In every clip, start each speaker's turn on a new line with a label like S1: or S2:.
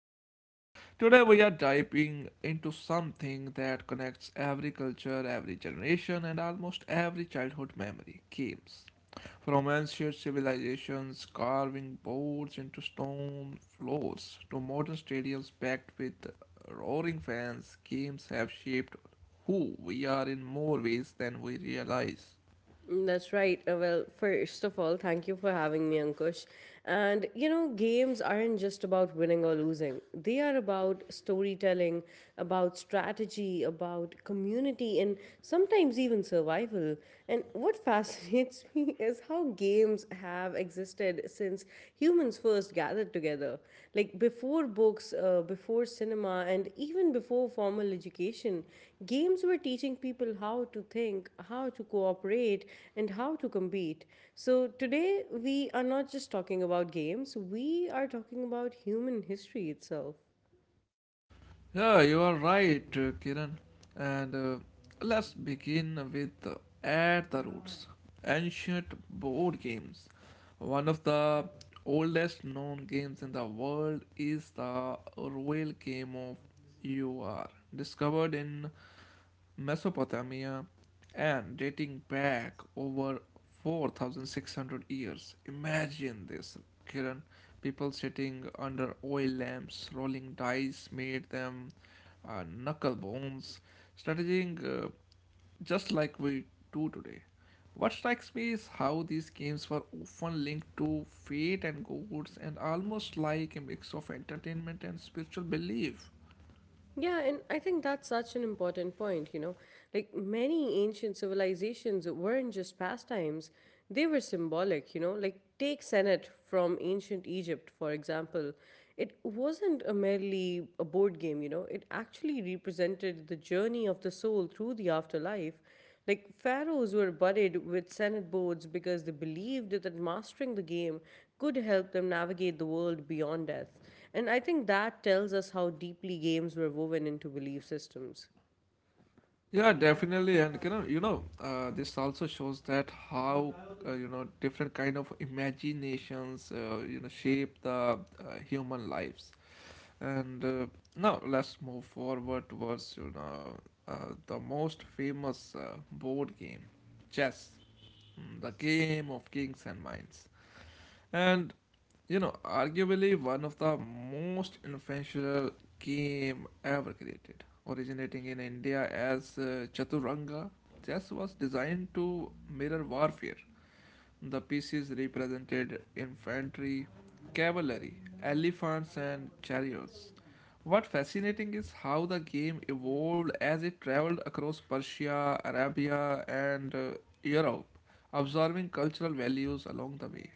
S1: Kiran. Today, we are diving into something that connects every culture, every generation, and almost every childhood memory games. From ancient civilizations carving boards into stone floors to modern stadiums packed with roaring fans, games have shaped who we are in more ways than we realize.
S2: That's right. Well, first of all, thank you for having me, Ankush. And you know, games aren't just about winning or losing, they are about storytelling, about strategy, about community, and sometimes even survival. And what fascinates me is how games have existed since humans first gathered together. Like before books, before cinema, and even before formal education, games were teaching people how to think, how to cooperate, and how to compete. So today, we are not just talking about games, we are talking about human history itself.
S1: Yeah, you are right, Kiran. And Let's begin with At the Roots, ancient board games. One of the oldest known games in the world is the royal game of UR, discovered in Mesopotamia and dating back over 4,600 years. Imagine this, Kiran. People sitting under oil lamps, rolling dice made them knuckle bones, strategizing just like we do today. What strikes me is how these games were often linked to fate and gods and almost like a mix of entertainment and spiritual belief.
S2: Yeah, and I think that's such an important point, you know. Like many ancient civilizations weren't just pastimes, they were symbolic, you know. Like take Senet from ancient Egypt, for example. It wasn't a merely a board game, you know. It actually represented the journey of the soul through the afterlife like pharaohs were buddied with senate boards because they believed that mastering the game could help them navigate the world beyond death. And I think that tells us how deeply games were woven into belief systems.
S1: Yeah, definitely, and this also shows that how you know different kind of imaginations you know shape the human lives. And Now let's move forward towards you know the most famous board game, chess, the game of kings and minds. And you know, arguably one of the most influential game ever created, originating in India as Chaturanga. Chess was designed to mirror warfare. The pieces represented infantry, cavalry, elephants, and chariots. What fascinating is how the game evolved as it traveled across Persia, Arabia, and Europe, absorbing cultural values along the way.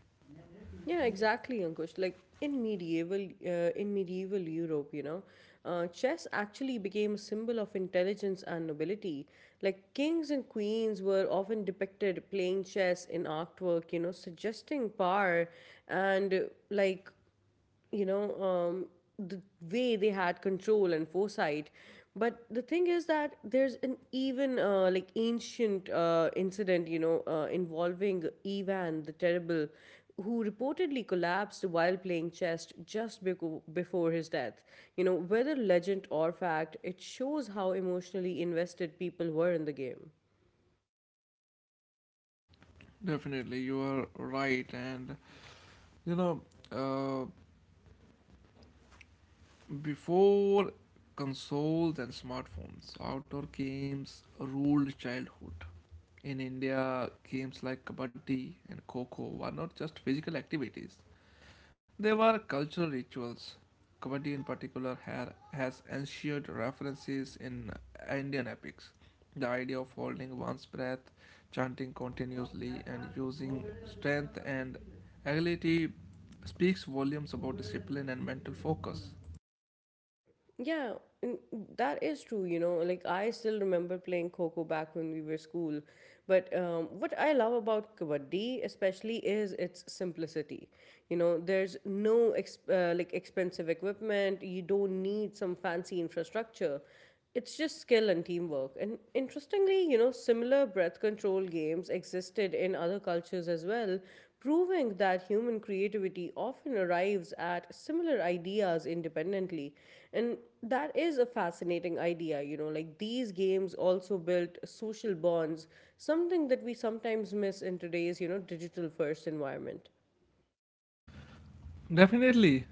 S2: Yeah, exactly, Ankush. Like in medieval Europe, you know, chess actually became a symbol of intelligence and nobility. Like kings and queens were often depicted playing chess in artwork, you know, suggesting power and like you know um, the way they had control and foresight, but the thing is that there's an even like ancient incident, you know, involving Ivan the Terrible, who reportedly collapsed while playing chess just before his death. You know, whether legend or fact, it shows how emotionally invested people were in the game.
S1: Definitely, you are right. And you know, uh, before consoles and smartphones, outdoor games ruled childhood. In India, games like kabaddi and kho kho were not just physical activities, there were cultural rituals. Kabaddi, in particular, has ensured references in Indian epics. The idea of holding one's breath, chanting continuously, and using strength and agility speaks volumes about discipline and mental focus.
S2: Yeah, and that is true. You know, like I still remember playing Coco back when we were school. But what I love about Kabaddi, especially, is its simplicity. You know, there's no expensive equipment. You don't need some fancy infrastructure. It's just skill and teamwork. And interestingly, you know, similar breath control games existed in other cultures as well, proving that human creativity often arrives at similar ideas independently. And that is a fascinating idea, you know, like these games also built social bonds, something that we sometimes miss in today's, you know, digital first environment.
S1: Definitely.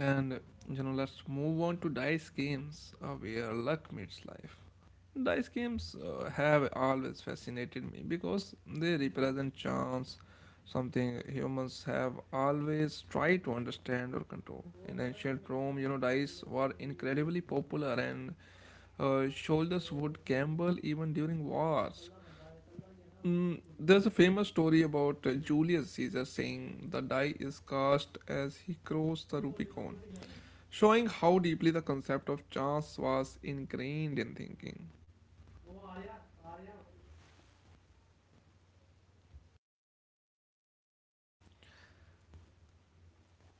S1: And you know, let's move on to dice games where luck meets life. Dice games have always fascinated me because they represent chance, something humans have always tried to understand or control. In ancient Rome, you know, dice were incredibly popular and soldiers would gamble even during wars. Mm, there's a famous story about Julius Caesar saying the die is cast as he crossed the Rubicon, showing how deeply the concept of chance was ingrained in thinking.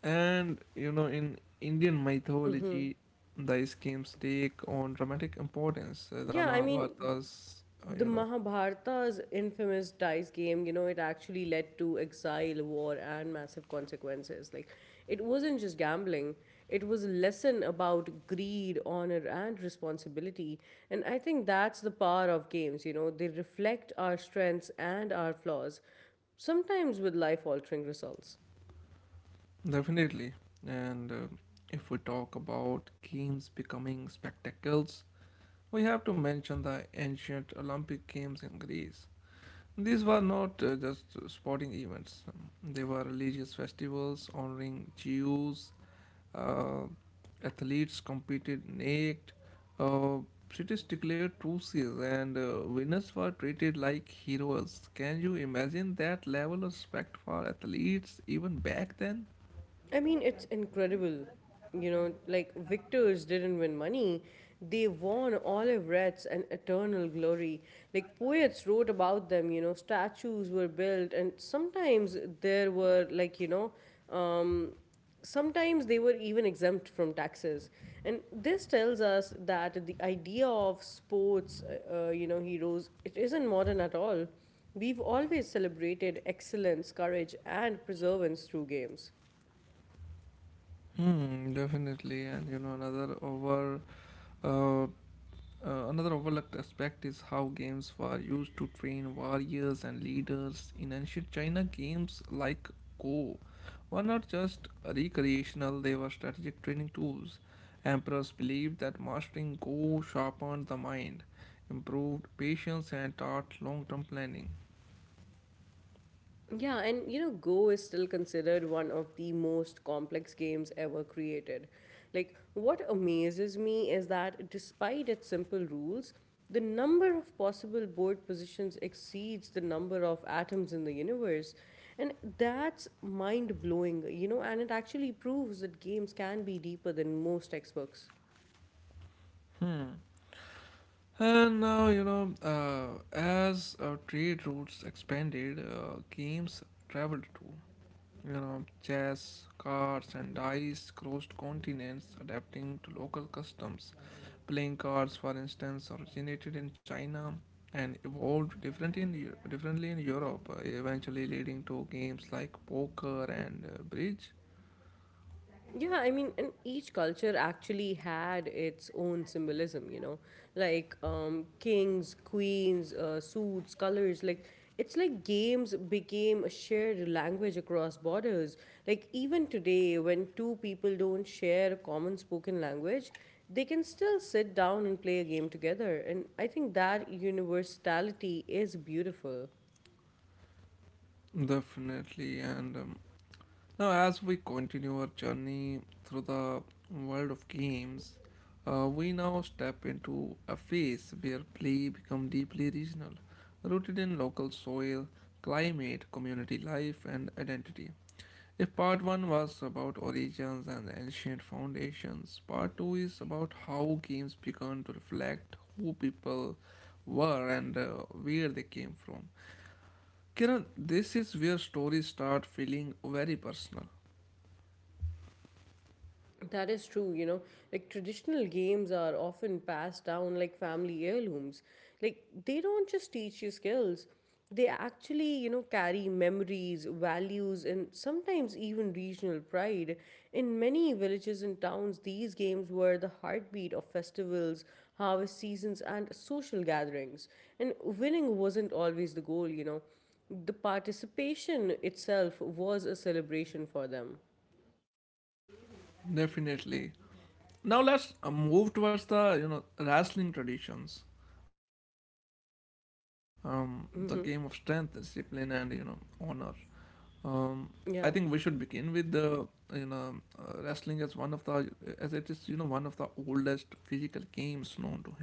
S1: And you know, in Indian mythology, the schemes take on dramatic importance. The
S2: Yeah, I mean,
S1: Mahabharatas,
S2: the
S1: you know,
S2: Mahabharata's infamous dice game, you know, it actually led to exile, war, and massive consequences. Like, it wasn't just gambling, it was a lesson about greed, honor, and responsibility. And I think that's the power of games, you know, they reflect our strengths and our flaws, sometimes with life altering results.
S1: definitely. And If we talk about games becoming spectacles, we have to mention the ancient Olympic Games in Greece. These were not just sporting events, they were religious festivals honoring Zeus. Uh, Athletes competed naked. Uh, Cities declared truces, and winners were treated like heroes. Can you imagine that level of respect for athletes even back then?
S2: I mean, it's incredible. You know, like victors didn't win money, they won olive wreaths and eternal glory. Like poets wrote about them, you know, statues were built, and sometimes there were, like, you know, um, sometimes they were even exempt from taxes. And this tells us that the idea of sports, you know, heroes, it isn't modern at all. We've always celebrated excellence, courage, and perseverance through games.
S1: Hmm, definitely. And you know, uh, another overlooked aspect is how games were used to train warriors and leaders. In ancient China, games like Go were not just recreational, they were strategic training tools. Emperors believed that mastering Go sharpened the mind, improved patience, and taught long term planning.
S2: Yeah, and you know, Go is still considered one of the most complex games ever created. Like, what amazes me is that despite its simple rules, the number of possible board positions exceeds the number of atoms in the universe. And that's mind blowing, you know, and it actually proves that games can be deeper than most textbooks.
S1: Hmm. And now, you know, as trade routes expanded, games traveled too. You know, chess, cards, and dice crossed continents, adapting to local customs. Playing cards, for instance, originated in China and differently in Europe, eventually leading to games like poker and bridge.
S2: Yeah, I mean, and each culture actually had its own symbolism, you know, like kings, queens, suits, colors. Like, it's like games became a shared language across borders. Like, even today, when two people don't share a common spoken language, they can still sit down and play a game together. And I think that universality is beautiful.
S1: Definitely, and now, as we continue our journey through the world of games, we now step into a phase where play become deeply regional, rooted in local soil, climate, community life, and identity. If part one was about origins and ancient foundations, part two is about how games began to reflect who people were and where they came from. Kiran, this is where stories start feeling very personal.
S2: That is true, you know. Like traditional games are often passed down like family heirlooms. Like they don't just teach you skills, they actually, you know, carry memories, values, and sometimes even regional pride. In many villages and towns, these games were the heartbeat of festivals, harvest seasons, and social gatherings. And winning wasn't always the goal, you know. The participation itself was a celebration for them.
S1: Definitely. Now let's move towards the you know wrestling traditions, the game of strength, discipline, and you
S2: Mm-hmm.
S1: know honor. Um, I think we should begin with
S2: Yeah.
S1: the you know wrestling as one of the as it is you know one of the oldest physical games known to humanity.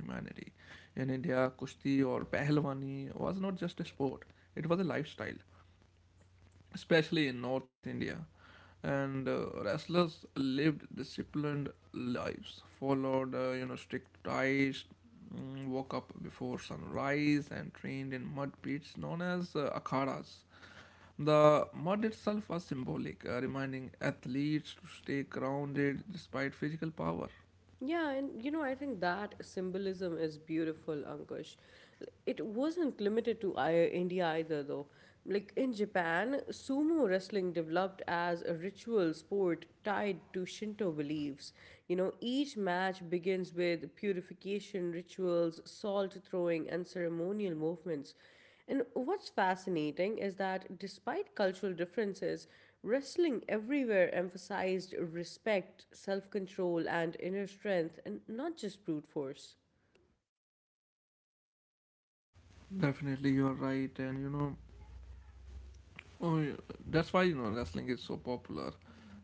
S1: In India, kushti or pahlwani was not just a sport; it was a lifestyle especially in North India. And wrestlers lived disciplined lives, followed you know strict diets, woke up before sunrise, and trained in mud pits known as akhadas. The mud itself was symbolic, reminding athletes to stay grounded despite physical power.
S2: Yeah, and you know, I think that symbolism is beautiful, Ankush. It wasn't limited to India either, though. Like in Japan, sumo wrestling developed as a ritual sport tied to Shinto beliefs. You know, each match begins with purification rituals, salt throwing, and ceremonial movements. And what's fascinating is that despite cultural differences, wrestling everywhere emphasized respect, self control, and inner strength, and not just brute force.
S1: Definitely, you are right, and you know, oh, yeah, that's why you know wrestling is so popular.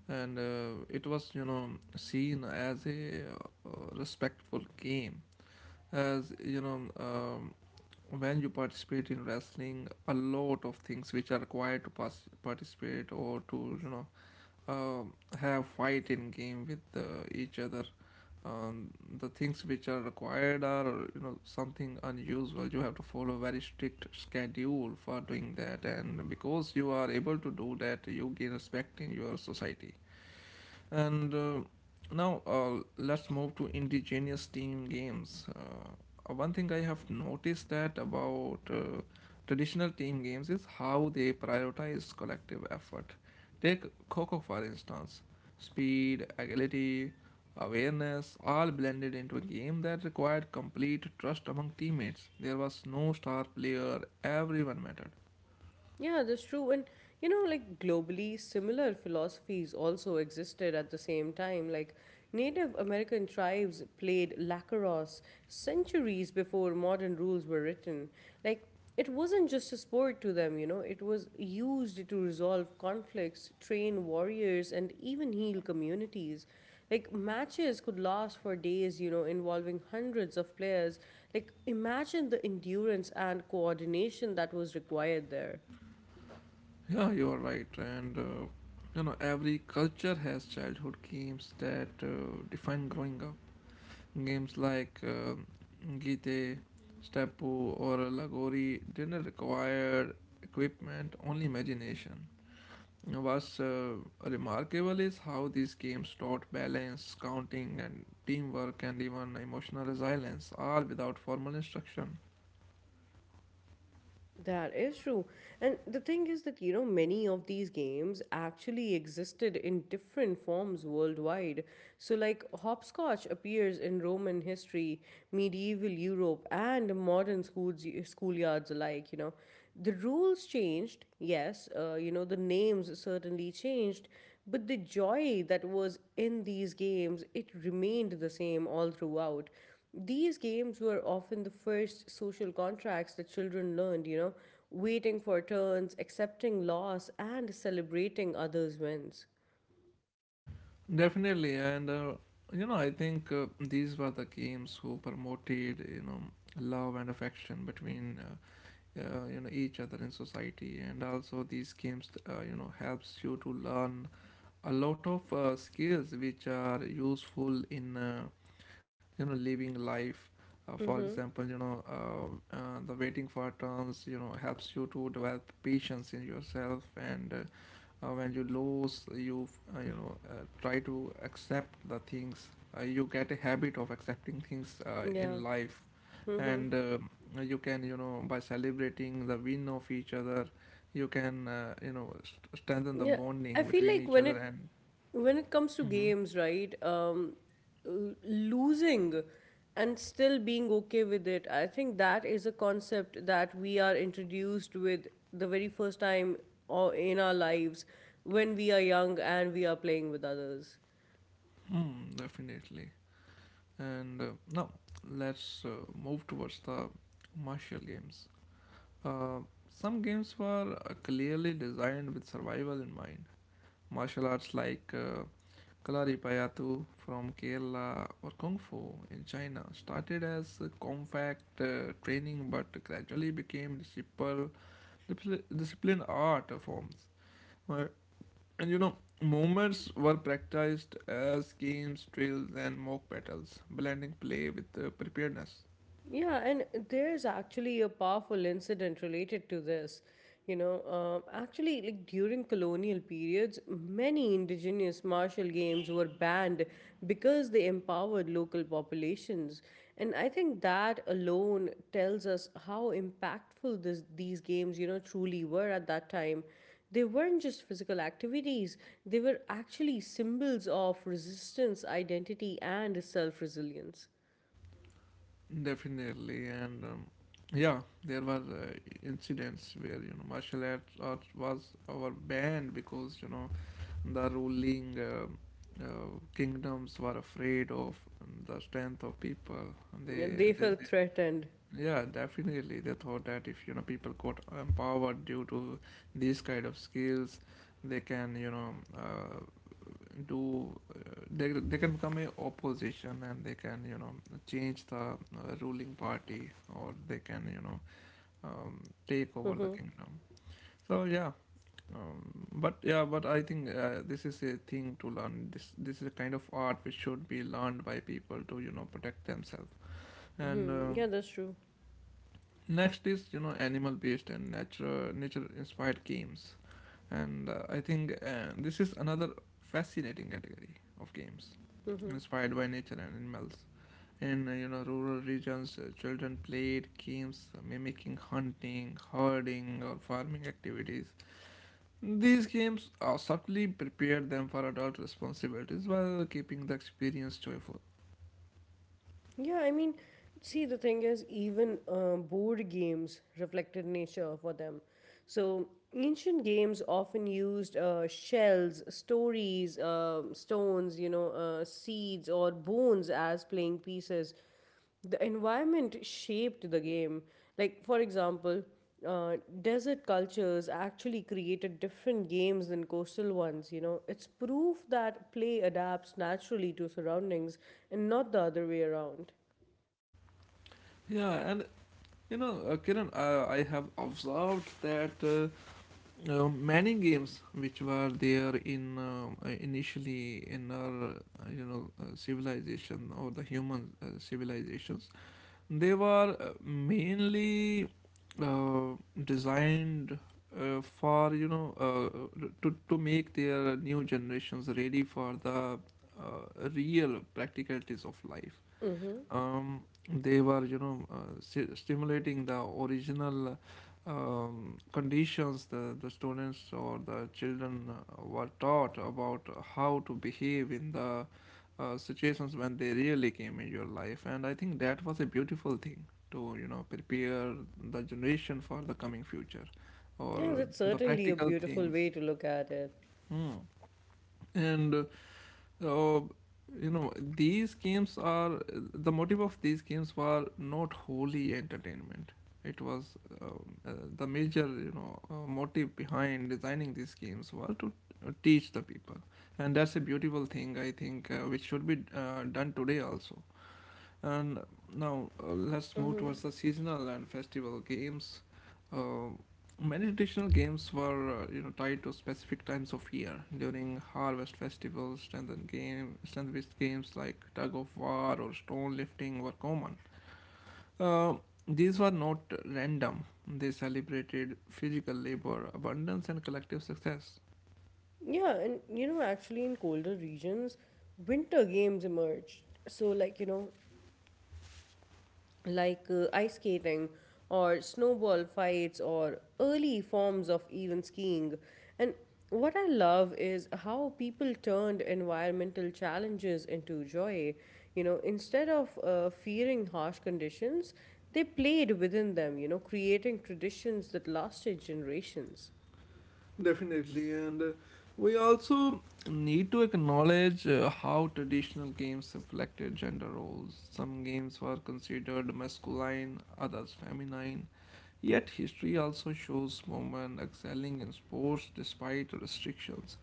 S1: And it was you know seen as a respectful game as you know when you participate in wrestling a lot of things which are required to participate or to you know um have fight in game with each other um, the things which are required are you know something unusual. You have to follow a very strict schedule for doing that and because you are able to do that you gain respect in your society. And uh, now uh, let's move to indigenous team games. One thing I have noticed that about traditional team games is how they prioritize collective effort. Take Coco for instance. Speed, agility, awareness, all blended into a game that required complete trust among teammates. There was no star player, everyone mattered.
S2: Yeah, that's true. And you know, like globally, similar philosophies also existed at the same time. Like Native American tribes played lacrosse centuries before modern rules were written. Like it wasn't just a sport to them, you know, it was used to resolve conflicts, train warriors, and even heal communities. Like matches could last for days, you know, involving hundreds of players. Like imagine the endurance and coordination that was required there.
S1: Yeah, you are right. And You know, every culture has childhood games that define growing up. Games like Gite, Steppu, or Lagori didn't require equipment, only imagination. You know, what's remarkable is how these games taught balance, counting, and teamwork, and even emotional resilience, all without formal instruction.
S2: That is true. And the thing is that, you know, many of these games actually existed in different forms worldwide. So, like, hopscotch appears in Roman history, medieval Europe, and modern schoolyards alike, you know. The rules changed, yes, you know, the names certainly changed, but the joy that was in these games, it remained the same all throughout. These games were often the first social contracts that children learned, you know, waiting for turns, accepting loss, and celebrating others' wins.
S1: Definitely, and you know, I think these were the games who promoted you know love and affection between you know each other in society, and also these games you know helps you to learn a lot of skills which are useful in you know living life. For
S2: Mm-hmm.
S1: example, you know the waiting for turns you know helps you to develop patience in yourself and when you lose you you know try to accept the things. You get a habit of accepting things in
S2: Yeah.
S1: life and
S2: Mm-hmm.
S1: you can you know by celebrating the win of each other you can you know strengthen the
S2: Yeah,
S1: bonding
S2: I feel
S1: between
S2: like
S1: each
S2: when
S1: other
S2: it
S1: and
S2: when it comes to
S1: Mhm.
S2: games, right? Losing and still being okay with it, I think that is a concept that we are introduced with the very first time or in our lives when we are young and we are playing with others.
S1: Mm, definitely and now let's move towards the martial games. uh, some games were clearly designed with survival in mind. Martial arts like Kalaripayattu from Kerala or Kung Fu in China started as a compact training but gradually became disciplined art forms. Where- And you know, movements were practiced as games, drills, and mock battles, blending play with preparedness.
S2: Yeah, and there's actually a powerful incident related to this. You know, actually, like during colonial periods, many indigenous martial games were banned because they empowered local populations. And I think that alone tells us how impactful these games, you know, truly were at that time. They weren't just physical activities, they were actually symbols of resistance, identity, and self resilience.
S1: Definitely, and yeah, there were incidents where you know martial arts art was our banned because you know the ruling kingdoms were afraid of the strength of people. They,
S2: They
S1: they,
S2: felt threatened.
S1: they, yeah, definitely. They thought that if you know people got empowered due to these kind of skills, they can you know do. They they can become a opposition and they can you know change the ruling party or they can you know um, take over the
S2: Mm-hmm.
S1: kingdom. So yeah, but yeah but I think this is a thing to learn. This is a kind of art which should be learned by people to you know protect themselves and
S2: Hmm.
S1: uh,
S2: Yeah, that's true.
S1: next is you know animal based and nature inspired games and I think this is another fascinating category of games
S2: Mm-hmm.
S1: inspired by nature and animals. In you know rural regions children played games mimicking hunting herding or farming activities. These games subtly prepare them for adult responsibilities while keeping the experience joyful.
S2: Yeah, I mean, see, the thing is, even board games reflected nature for them. So, ancient games often used shells, stories, stones, you know, seeds, or bones as playing pieces. The environment shaped the game. Like, for example, uh, desert cultures actually created different games than coastal ones, you know. It's proof that play adapts naturally to surroundings and not the other way around.
S1: Yeah, and you know, Kiran, I have observed that many games which were there in initially in our you know civilization or the human civilizations. They were mainly uh, designed for you know to make their new generations ready for the real practicalities of life.
S2: Mm-hmm.
S1: Um, they were you know sti- stimulating the original conditions. The students or the children were taught about how to behave in the situations when they really came in your life and I think that was a beautiful thing to you know prepare the generation for the coming future or
S2: Yeah, that's
S1: the
S2: certainly a
S1: practical
S2: beautiful way
S1: things.
S2: to look at it.
S1: Hmm. and uh, you know, these games are the motive of these games were not wholly entertainment it was. The major motive behind designing these games were to teach the people, and that's a beautiful thing I think, which should be done today also. And now let's move
S2: Mm-hmm.
S1: towards the seasonal and festival games. Uh, Many traditional games were tied to specific times of year. During harvest festivals, strengthened game strength-based games like tug of war or stone lifting were common. Uh, these were not random. They celebrated physical labor, abundance, and collective success.
S2: Yeah, and you know, actually, in colder regions, winter games emerged. So, like, you know, like ice skating or snowball fights or early forms of even skiing. And what I love is how people turned environmental challenges into joy. You know, instead of fearing harsh conditions, they played within them, you know, creating traditions that lasted generations.
S1: Definitely, and we also need to acknowledge how traditional games reflected gender roles. Some games were considered masculine, others feminine. Yet, history also shows women excelling in sports despite restrictions.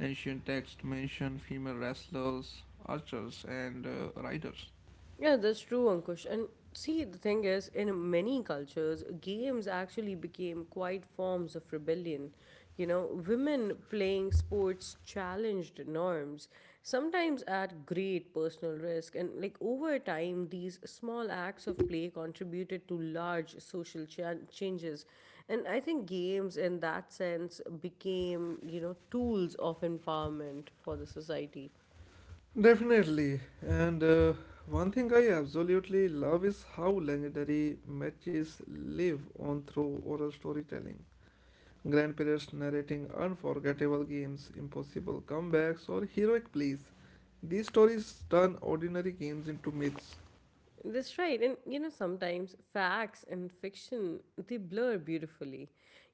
S1: Ancient texts mention female wrestlers, archers, and riders.
S2: Yeah, that's true, Ankush. And see, the thing is, in many cultures, games actually became quite forms of rebellion. You know, women playing sports challenged norms, sometimes at great personal risk. And like over time, these small acts of play contributed to large social changes. And I think games, in that sense, became, you know, tools of empowerment for the society.
S1: Definitely. And One thing I absolutely love is how legendary matches live on through oral storytelling. Grandparents narrating unforgettable games, impossible comebacks, or heroic plays. These stories turn ordinary games into myths.
S2: That's right. And you know, sometimes facts and fiction they blur beautifully.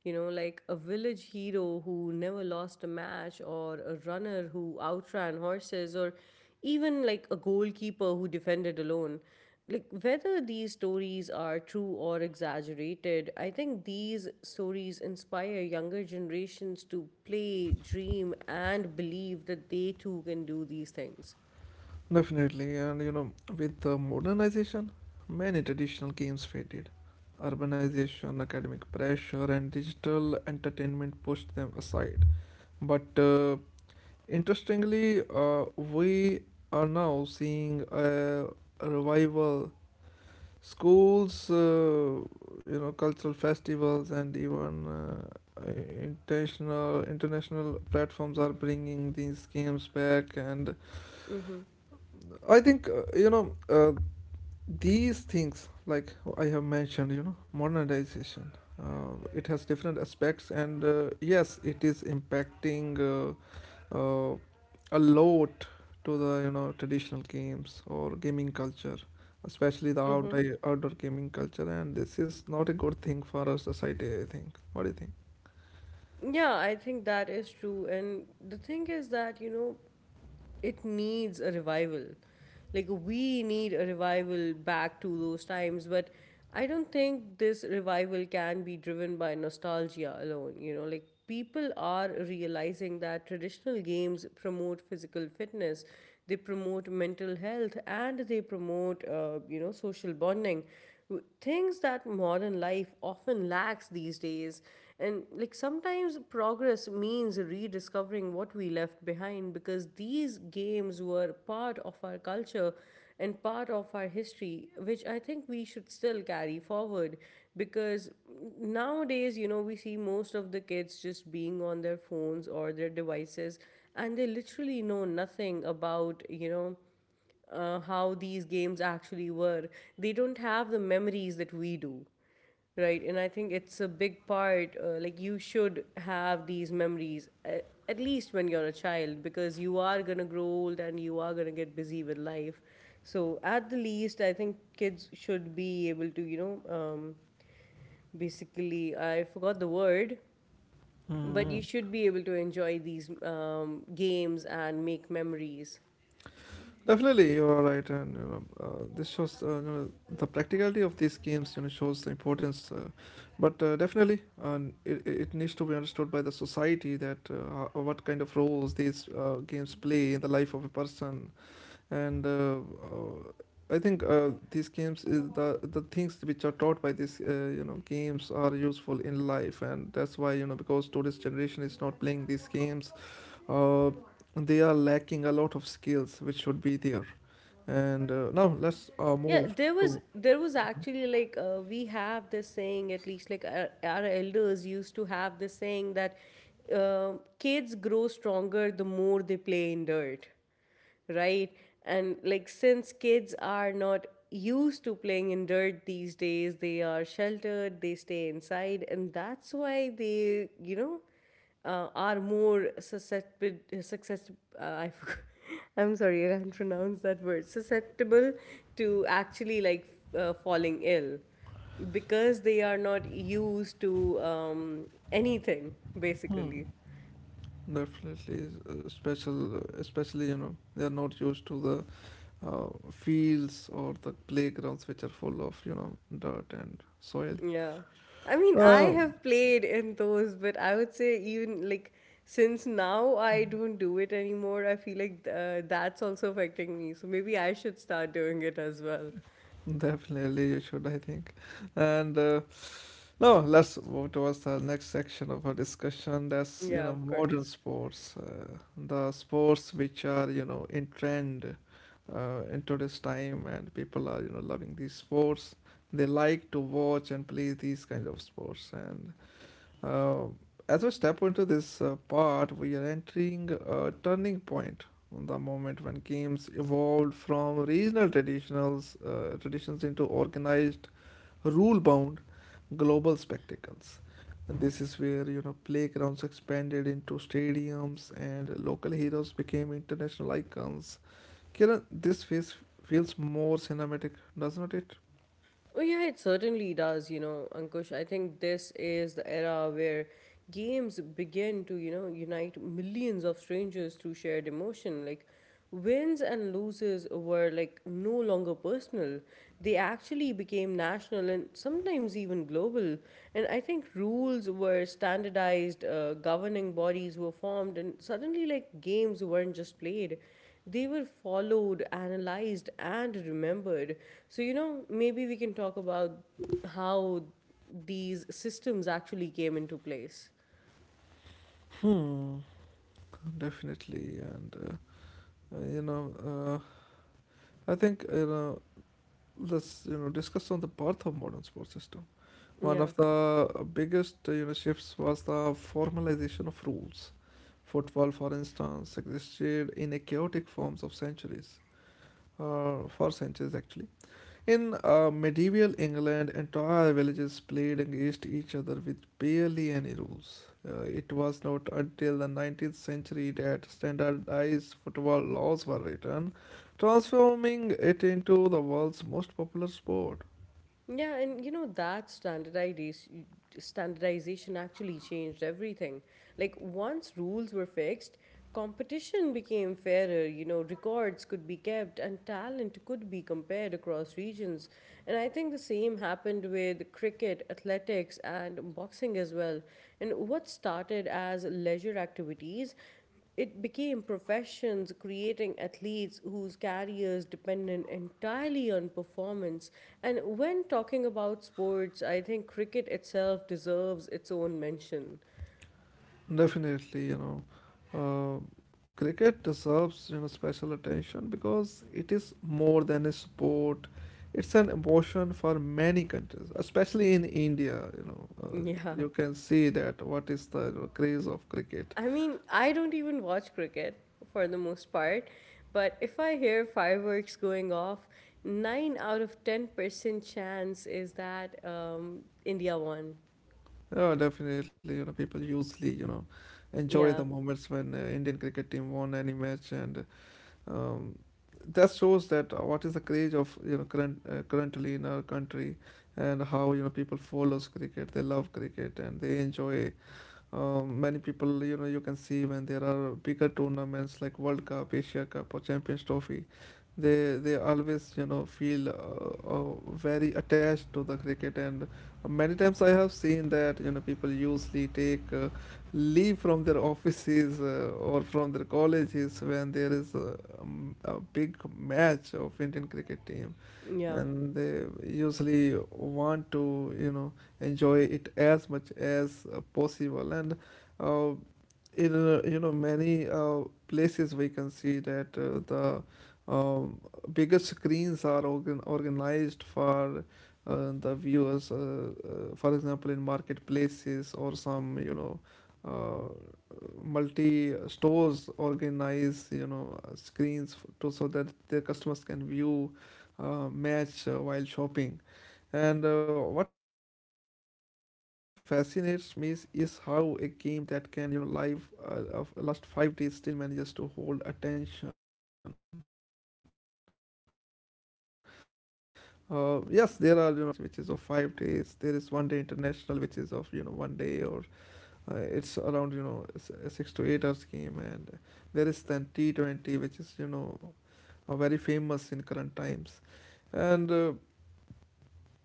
S2: You know, like a village hero who never lost a match, or a runner who outran horses, or even like a goalkeeper who defended alone. Like, whether these stories are true or exaggerated, I think these stories inspire younger generations to play, dream, and believe that they too can do these things.
S1: Definitely, and you know, with the modernization, many traditional games faded. Urbanization, academic pressure, and digital entertainment pushed them aside. But interestingly, we are now seeing a revival. Schools, you know, cultural festivals, and even international platforms are bringing these games back. And
S2: Mm-hmm.
S1: I think, these things, like I have mentioned, you know, modernization, it has different aspects, and yes, it is impacting uh, a lot to the, you know, traditional games or gaming culture, especially the outdoor gaming culture. And this is not a good thing for our society, I think. What do you think?
S2: Yeah, I think that is true. And the thing is that, you know, it needs a revival. Like, we need a revival back to those times. But I don't think this revival can be driven by nostalgia alone. You know, like, people are realizing that traditional games promote physical fitness, they promote mental health, and they promote, you know, social bonding. Things that modern life often lacks these days. And like sometimes progress means rediscovering what we left behind because these games were part of our culture and part of our history, which I think we should still carry forward because nowadays, you know, we see most of the kids just being on their phones or their devices and they literally know nothing about, you know, how these games actually were. They don't have the memories that we do. Right, and I think it's a big part. Like you should have these memories at least when you're a child, because you are gonna grow old and you are gonna get busy with life. So at the least, I think kids should be able to, basically, I forgot the word, but
S1: Hmm.
S2: you should be able to enjoy these games and make memories.
S1: Definitely, you are right, and you know, this shows, you know, the practicality of these games. You know, shows the importance, but definitely, and it needs to be understood by the society that what kind of roles these games play in the life of a person, and I think these games is the things which are taught by these, you know, games are useful in life, and that's why, you know, because today's generation is not playing these games, uh, they are lacking a lot of skills which should be there. And now let's
S2: Yeah,
S1: move
S2: there was
S1: to
S2: there was actually like we have this saying, at least like our elders used to have this saying that uh, kids grow stronger the more they play in dirt, right? And like since kids are not used to playing in dirt these days, they are sheltered, they stay inside, and that's why they are more susceptible. Success, I forgot. I'm sorry, I can't pronounce that word. Susceptible to actually like falling ill because they are not used to anything basically.
S1: definitely, especially, you know, they are not used to the fields or the playgrounds which are full of, you know, dirt and soil.
S2: Yeah. I mean, I
S1: Uh,
S2: have played in those, but I would say even like since now I don't do it anymore, I feel like that's also affecting me. So maybe I should start doing it as well.
S1: Definitely, you should, I think. And no, let's move towards the next section of our discussion. That's, you
S2: Yeah,
S1: know,
S2: of
S1: modern
S2: course.
S1: sports, the sports which are, you know, in trend in today's time, and people are, you know, loving these sports. They like to watch and play these kind of sports. And uh, as we step into this part, we are entering a turning point, the moment when games evolved from traditions into organized, rule-bound global spectacles. And this is where, you know, playgrounds expanded into stadiums and local heroes became international icons. Kiran, this phase feels more cinematic, doesn't it?
S2: Oh, yeah, it certainly does, you know, Ankush. I think this is the era where games begin to, you know, unite millions of strangers through shared emotion. Like, wins and losses were, like, no longer personal. They actually became national and sometimes even global. And I think rules were standardized, governing bodies were formed, and suddenly, like, games weren't just played, they were followed, analyzed, and remembered. So, you know, maybe we can talk about how these systems actually came into place.
S1: Hmm. Definitely, and uh, uh, you know, uh, I think, you know, let's, you know, discuss on the birth of modern sports system. One
S2: Yeah.
S1: of the biggest shifts was the formalization of rules. Football, for instance, existed in a chaotic forms of centuries, for centuries actually, in medieval England, entire villages played against each other with barely any rules. It was not until the 19th century that standardized football laws were written, transforming it into the world's most popular sport.
S2: Yeah, and you know that standardization actually changed everything. Like once rules were fixed, competition became fairer, you know, records could be kept and talent could be compared across regions. And I think the same happened with cricket, athletics and boxing as well. And what started as leisure activities, it became professions, creating athletes whose careers depended entirely on performance. And when talking about sports, I think cricket itself deserves its own mention.
S1: Definitely, you know, uh, cricket deserves, you know, special attention because it is more than a sport. It's an emotion for many countries, especially in India. You know,
S2: Yeah.
S1: you can see that what is the, you know, craze of cricket.
S2: I mean, I don't even watch cricket for the most part, but if I hear fireworks going off, 9 out of 10% chance is that India won.
S1: Yeah, definitely, you know, people usually, you know, enjoy the
S2: Yeah.
S1: moments when Indian cricket team won any match, and um, that shows that what is the craze of, you know, currently in our country, and how, you know, people follows cricket, they love cricket and they enjoy, many people, you know, you can see when there are bigger tournaments like World Cup, Asia Cup or Champions Trophy, they always, you know, feel very attached to the cricket. And many times I have seen that, you know, people usually take leave from their offices or from their colleges when there is a big match of Indian cricket team,
S2: Yeah.
S1: and they usually want to, you know, enjoy it as much as possible. And uh, in uh, you know, many places we can see that the, um, bigger screens are organized for the viewers, for example in marketplaces, or some, you know, uh, multi stores organize, you know, screens to so that their customers can view match while shopping. And what fascinates me is how a game that can, you know, live of last 5 days still manages to hold attention. Uh, yes, there are, you know, different formats in cricket. There is test match which is of 5 days, there is 1 day international which is of, you know, 1 day, or it's around, you know, 6 to 8 hours game, and there is then T20 which is, you know, very famous in current times. And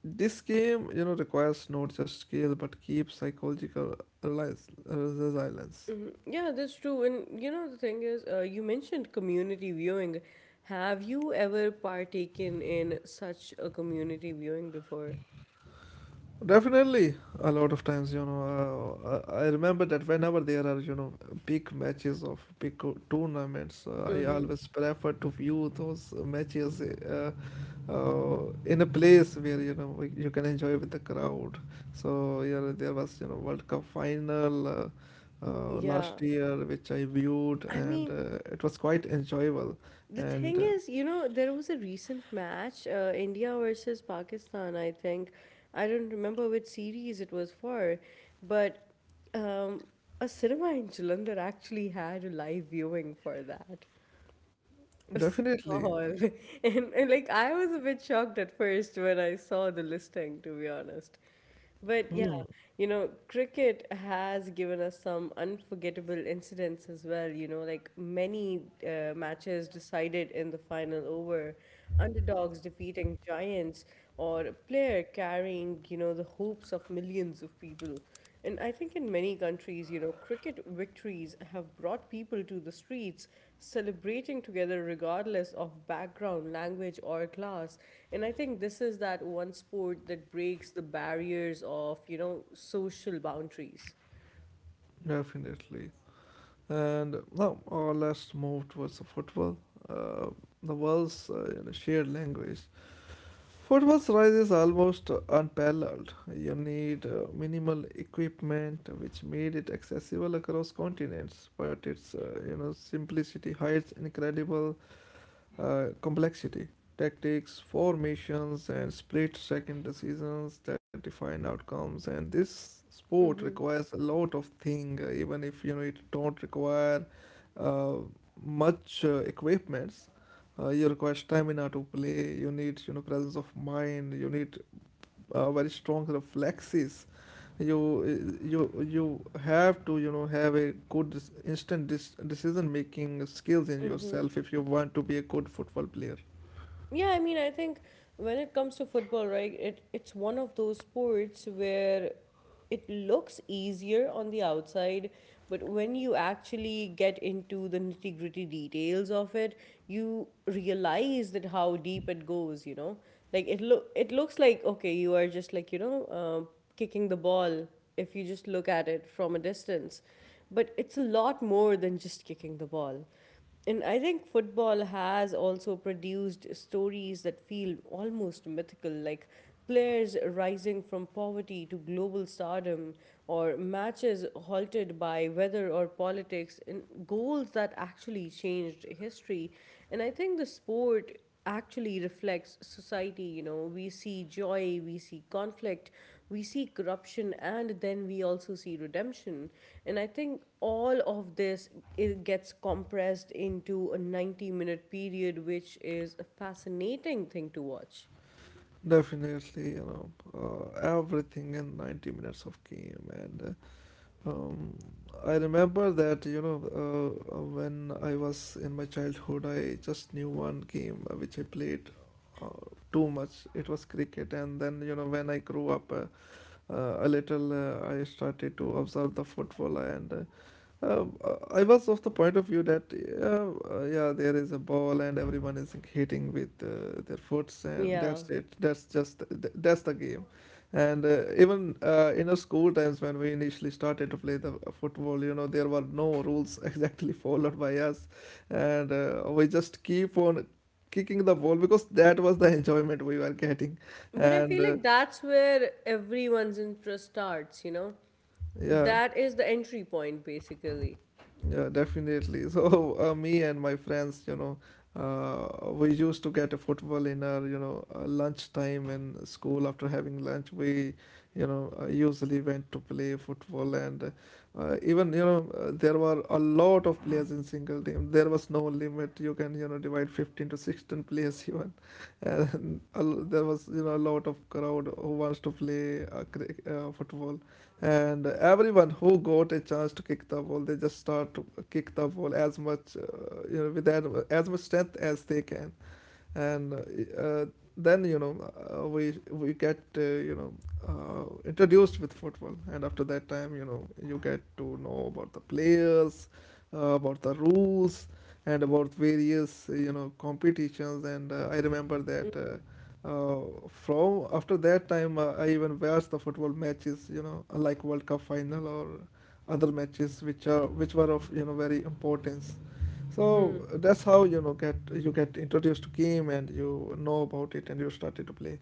S1: this game, you know, requires not just skill but keeps psychological resilience.
S2: Mhm. Yeah, that's true. And you know, the thing is, you mentioned community viewing. Have you ever partaken in such a community viewing before?
S1: Definitely, a lot of times, you know, I remember that whenever there are, you know, big matches of big tournaments, I
S2: Mm-hmm.
S1: always prefer to view those matches, in a place where, you know, you can enjoy with the crowd. So yeah, there was, you know, World Cup final
S2: Yeah.
S1: last year, which I viewed,
S2: I
S1: and
S2: mean,
S1: it was quite enjoyable,
S2: the
S1: and
S2: thing
S1: uh,
S2: is, you know, there was a recent match, India versus Pakistan, I think. I don't remember which series it was for, but um, a cinema in Jalandhar actually had a live viewing for that.
S1: definitely,
S2: Cinema hall. And like I was a bit shocked at first when I saw the listing, to be honest. But yeah, you know, cricket has given us some unforgettable incidents as well. You know, like many matches decided in the final over, underdogs defeating giants, or a player carrying, you know, the hopes of millions of people. And I think in many countries, you know, cricket victories have brought people to the streets celebrating together regardless of background, language, or class. And I think this is that one sport that breaks the barriers of, you know, social boundaries.
S1: definitely. And now our last move towards the football, uh, the world's shared language. Football's rise is almost unparalleled. You need minimal equipment, which made it accessible across continents. But its, you know, simplicity hides incredible complexity, tactics, formations, and split second decisions that define outcomes. And this sport
S2: Hmm.
S1: requires a lot of thing, even if you know it don't require uh, much equipments. You require stamina to play. You need, you know, presence of mind. You need very strong reflexes. You you you have to, you know, have a good instant decision making skills in
S2: Hmm.
S1: yourself if you want to be a good football player.
S2: Yeah, I mean, I think when it comes to football, right, it it's one of those sports where it looks easier on the outside, but when you actually get into the nitty-gritty details of it, you realize that how deep it goes, you know? Like it looks like, okay, you are just like, you know, kicking the ball if you just look at it from a distance, but it's a lot more than just kicking the ball. And I think football has also produced stories that feel almost mythical, like players rising from poverty to global stardom, or matches halted by weather or politics, and goals that actually changed history. And I think the sport actually reflects society. You know, we see joy, we see conflict, we see corruption, and then we also see redemption. And I think all of this, it gets compressed into a 90-minute period, which is a fascinating thing to watch.
S1: Definitely, you know, everything in 90 minutes of game. And uh, um, i remember that, you know, when I was in my childhood I just knew one game, which I played uh, too much, it was cricket. And then, you know, when I grew up a little, I started to observe the football, and uh, uh, I was of the point of view that yeah, there is a ball and everyone is hitting with their foots, and
S2: Yeah,
S1: that's it, that's that's the game. And even in our school times when we initially started to play the football, you know, there were no rules exactly followed by us, and we just keep on kicking the ball because that was the enjoyment we were getting
S2: but I
S1: and
S2: feel
S1: uh,
S2: like that's where everyone's interest starts, you know.
S1: yeah.
S2: That is the entry point, basically.
S1: Yeah, definitely. So me and my friends, you know, we used to get a football in our, you know, lunchtime in school. After having lunch, we, you know, usually went to play football. And even, you know, there were a lot of players in single team. There was no limit. You can, you know, divide 15 to 16 players even, and there was, you know, a lot of crowd who wants to play football, and everyone who got a chance to kick the ball, they just start to kick the ball as much, you know, with that, as much strength as they can. And uh, then, you know, we get, you know, introduced with football, and after that time, you know, you get to know about the players, about the rules, and about various, you know, competitions. And I remember
S2: Mm.
S1: that, uh, from after that time, I even watched the football matches, you know, like World Cup final or other matches which are which were of, you know, very importance. So that's how, you know, get you get introduced to game and you know about it and you started to play.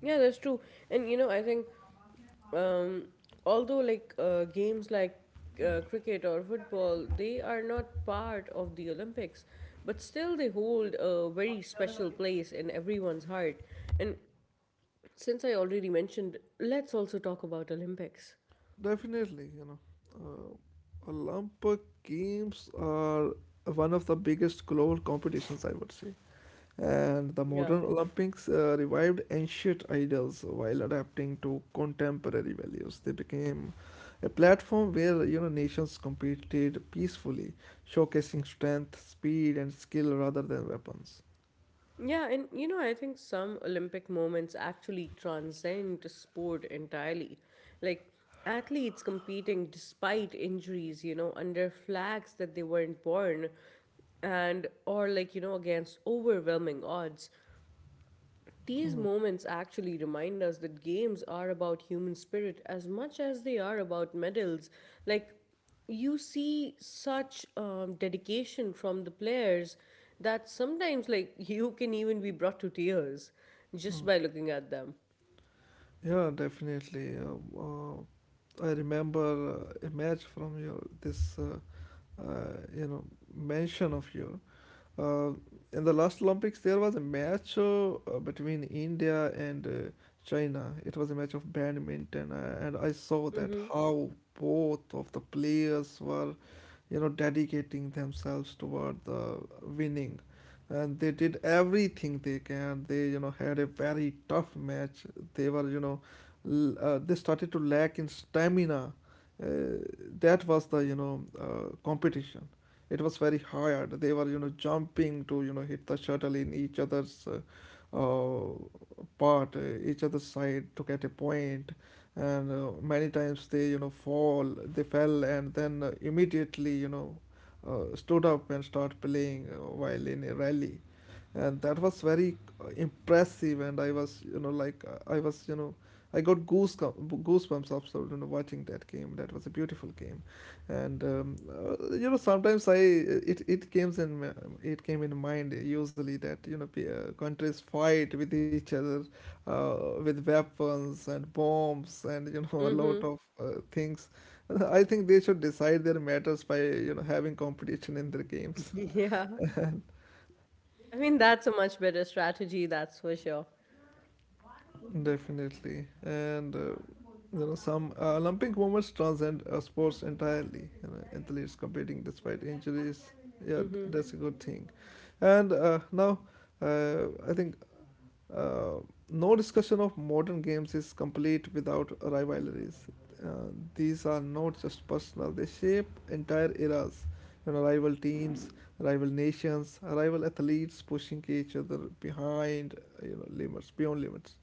S2: Yeah, that's true. And you know, I think um, although like games like cricket or football, they are not part of the Olympics, but still they hold a very special place in everyone's heart. And since I already mentioned, let's also talk about Olympics.
S1: Definitely, you know, Olympic Games are one of the biggest global competitions, I would say. And the
S2: Yeah.
S1: modern Olympics revived ancient ideals while adapting to contemporary values. They became a platform where you know nations competed peacefully, showcasing strength, speed, and skill rather than weapons.
S2: Yeah, and you know, I think some Olympic moments actually transcend sport entirely. Like athletes competing despite injuries, you know, under flags that they weren't born, and or like, you know, against overwhelming odds. These moments actually remind us that games are about human spirit as much as they are about medals. Like, you see such dedication from the players that sometimes, like, you can even be brought to tears just by looking at them.
S1: Yeah, definitely. I remember a match from your this you know mention of you. Uh, in the last Olympics, there was a match between India and China. It was a match of badminton, and I saw that
S2: Mm-hmm.
S1: how both of the players were, you know, dedicating themselves toward the winning, and they did everything they can. They, you know, had a very tough match. They were, you know, they started to lack in stamina. Uh, that was the, you know, competition. It was very hard. They were you know jumping to you know hit the shuttle in each other's uh, part, each other's side to get a point, and many times they you know fall they fell, and then immediately you know stood up and start playing while in a rally. And that was very impressive, and I was you know like I was you know I got goosebumps after you know watching that game. That was a beautiful game. And you know sometimes I it it came in it came in mind usually that you know countries fight with each other uh, with weapons and bombs and you know a
S2: Mm-hmm.
S1: lot of things. I think they should decide their matters by you know having competition in their games.
S2: Yeah. I mean, that's a much better strategy, that's for sure.
S1: Definitely, and you know some Olympic moments transcend sports entirely. You know, athletes competing despite injuries. Yeah,
S2: Mm-hmm.
S1: that's a good thing. And now, I think uh, no discussion of modern games is complete without rivalries. These are not just personal; they shape entire eras. You know, rival teams, rival nations, rival athletes pushing each other behind. You know, limits beyond limits.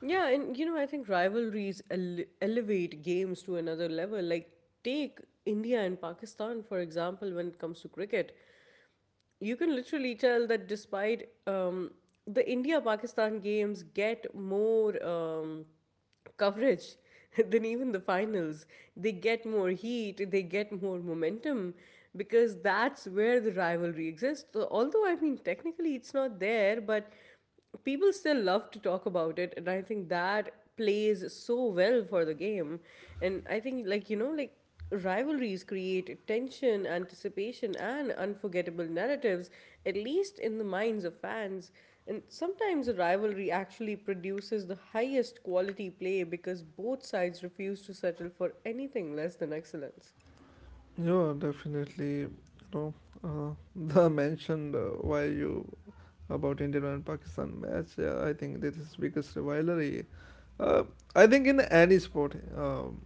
S2: Yeah, and you know, I think elevate games to another level. Like, take India and Pakistan, for example, when it comes to cricket. You can literally tell that despite the India Pakistan games get more coverage than even the finals, they get more heat, they get more momentum because that's where the rivalry exists. So, although, I mean, technically it's not there, but people still love to talk about it, and I think that plays so well for the game. And I think like, you know, like rivalries create tension, anticipation and unforgettable narratives, at least in the minds of fans. And sometimes a rivalry actually produces the highest quality play because both sides refuse to settle for anything less than excellence.
S1: Yeah, definitely. You know, the mentioned why you about India and Pakistan match. Yeah, I think this is biggest rivalry. Uh, I think in any sport, um,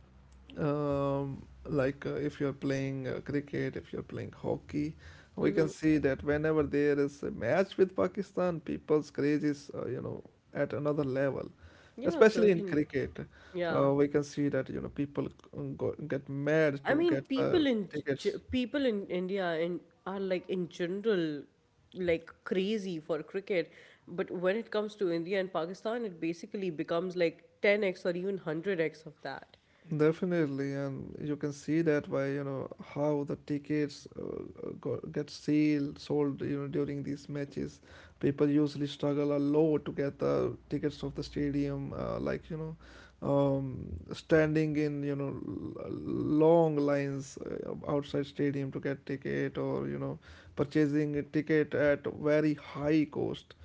S1: um, like if you're playing cricket, if you're playing hockey, we can
S2: Hmm.
S1: see that whenever there is a match with Pakistan, people's craze is you know at another level,
S2: Yeah,
S1: especially in
S2: certainly.
S1: cricket.
S2: Yeah.
S1: We can see that you know people go, get mad to
S2: I
S1: get
S2: mean,
S1: the tickets.
S2: People in India, in, are like in general like crazy for cricket, but when it comes to India and Pakistan, it basically becomes like 10x or even 100x of that.
S1: Definitely, and you can see that by you know how the tickets go, get sealed, sold you know during these matches. People usually struggle a lot to get the tickets of the stadium, like you know, standing in you know long lines outside stadium to get ticket, or you know, purchasing a ticket at very high cost.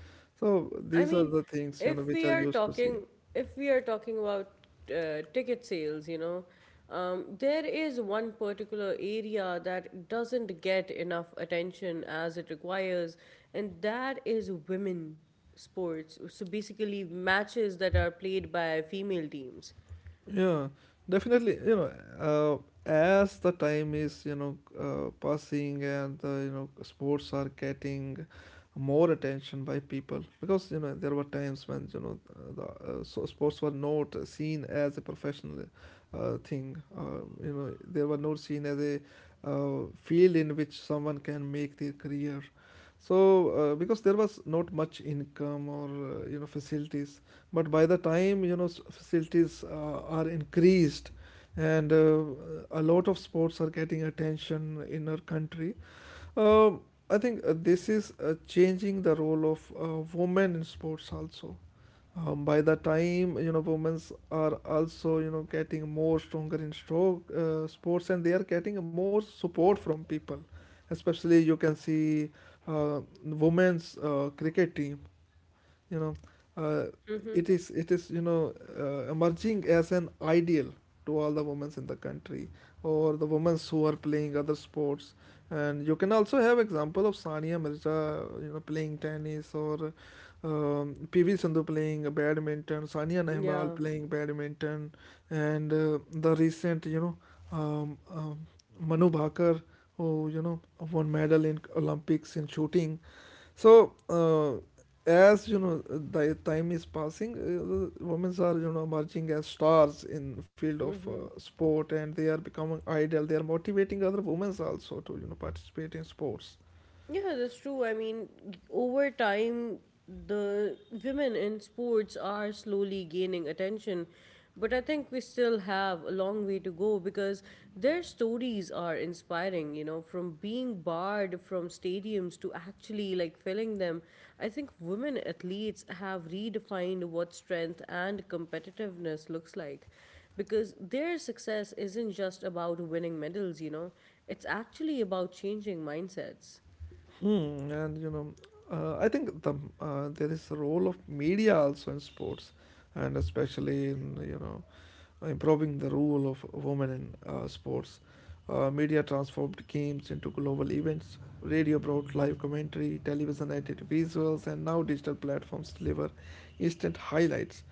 S1: So
S2: I
S1: these are
S2: mean,
S1: the things you know
S2: if
S1: which
S2: we
S1: are
S2: are
S1: used to see.
S2: talking, if we are talking about ticket sales, you know, there is one particular area that doesn't get enough attention as it requires, and that is women sports. So basically, matches that are played by female teams.
S1: Yeah, definitely. You know, as the time is you know passing, and you know sports are getting more attention by people, because you know there were times when you know the so sports were not seen as a professional thing. You know, they were not seen as a field in which someone can make their career. So, because there was not much income or you know facilities, but by the time you know facilities are increased, and a lot of sports are getting attention in our country, uh, I think this is changing the role of women in sports also. By the time you know women are also you know getting more stronger in stroke sports, and they are getting more support from people, especially you can see women's cricket team, you know, uh, it is you know emerging as an ideal to all the women in the country, or the women who are playing other sports. And you can also have example of Sania Mirza you know playing tennis, or PV Sindhu playing badminton, Sania Nehwal
S2: Yeah.
S1: playing badminton, and the recent you know um, um, Manu Bhakar, who you know won medal in Olympics in shooting. So, as you know, the time is passing, women are you know emerging as stars in field of sport, and they are becoming idol. They are motivating other women also to you know participate in sports.
S2: Yeah, that's true. I mean, over time, the women in sports are slowly gaining attention. But I think we still have a long way to go because their stories are inspiring, you know, from being barred from stadiums to actually like filling them. I think women athletes have redefined what strength and competitiveness looks like, because their success isn't just about winning medals, you know, it's actually about changing mindsets.
S1: Hmm, and you know, I think the there is a role of media also in sports, and especially in you know improving the role of women in sports. Media transformed games into global events. Radio brought live commentary, television added visuals, and now digital platforms deliver instant highlights.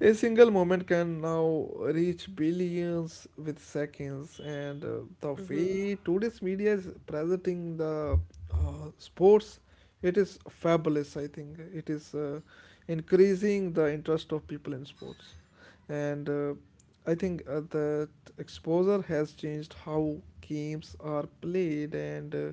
S1: A single moment can now reach billions with seconds, and the
S2: Mm-hmm.
S1: way today's media is presenting the sports, it is fabulous. I think it is increasing the interest of people in sports, and I think that exposure has changed how games are played and uh,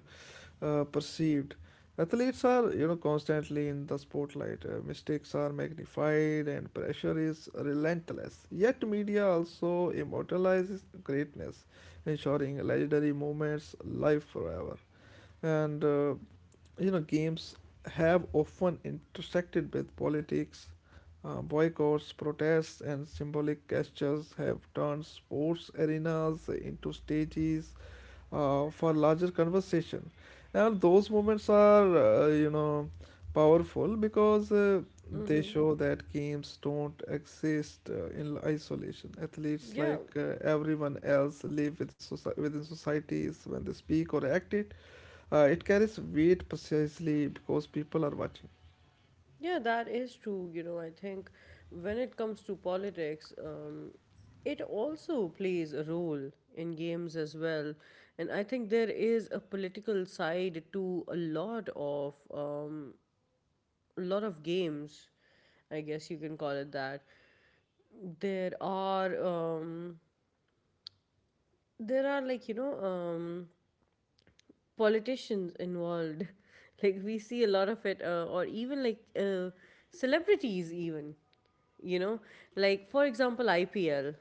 S1: uh, perceived. Athletes are, you know, constantly in the spotlight. Mistakes are magnified, and pressure is relentless. Yet media also immortalizes greatness, ensuring legendary moments live forever. And you know, games have often intersected with politics. Boycotts, protests, and symbolic gestures have turned sports arenas into stages for larger conversation, and those moments are you know powerful, because they show that games don't exist in isolation. Athletes,
S2: Yeah,
S1: like everyone else, live with within societies. When they speak or act it, it carries weight precisely because people are watching.
S2: yeah, that is true. You know, I think when it comes to politics, it also plays a role in games as well. And I think there is a political side to a lot of games. I guess you can call it that. There are um, there are like, you know, politicians involved like we see a lot of it, or even like celebrities even, you know, like for example IPL.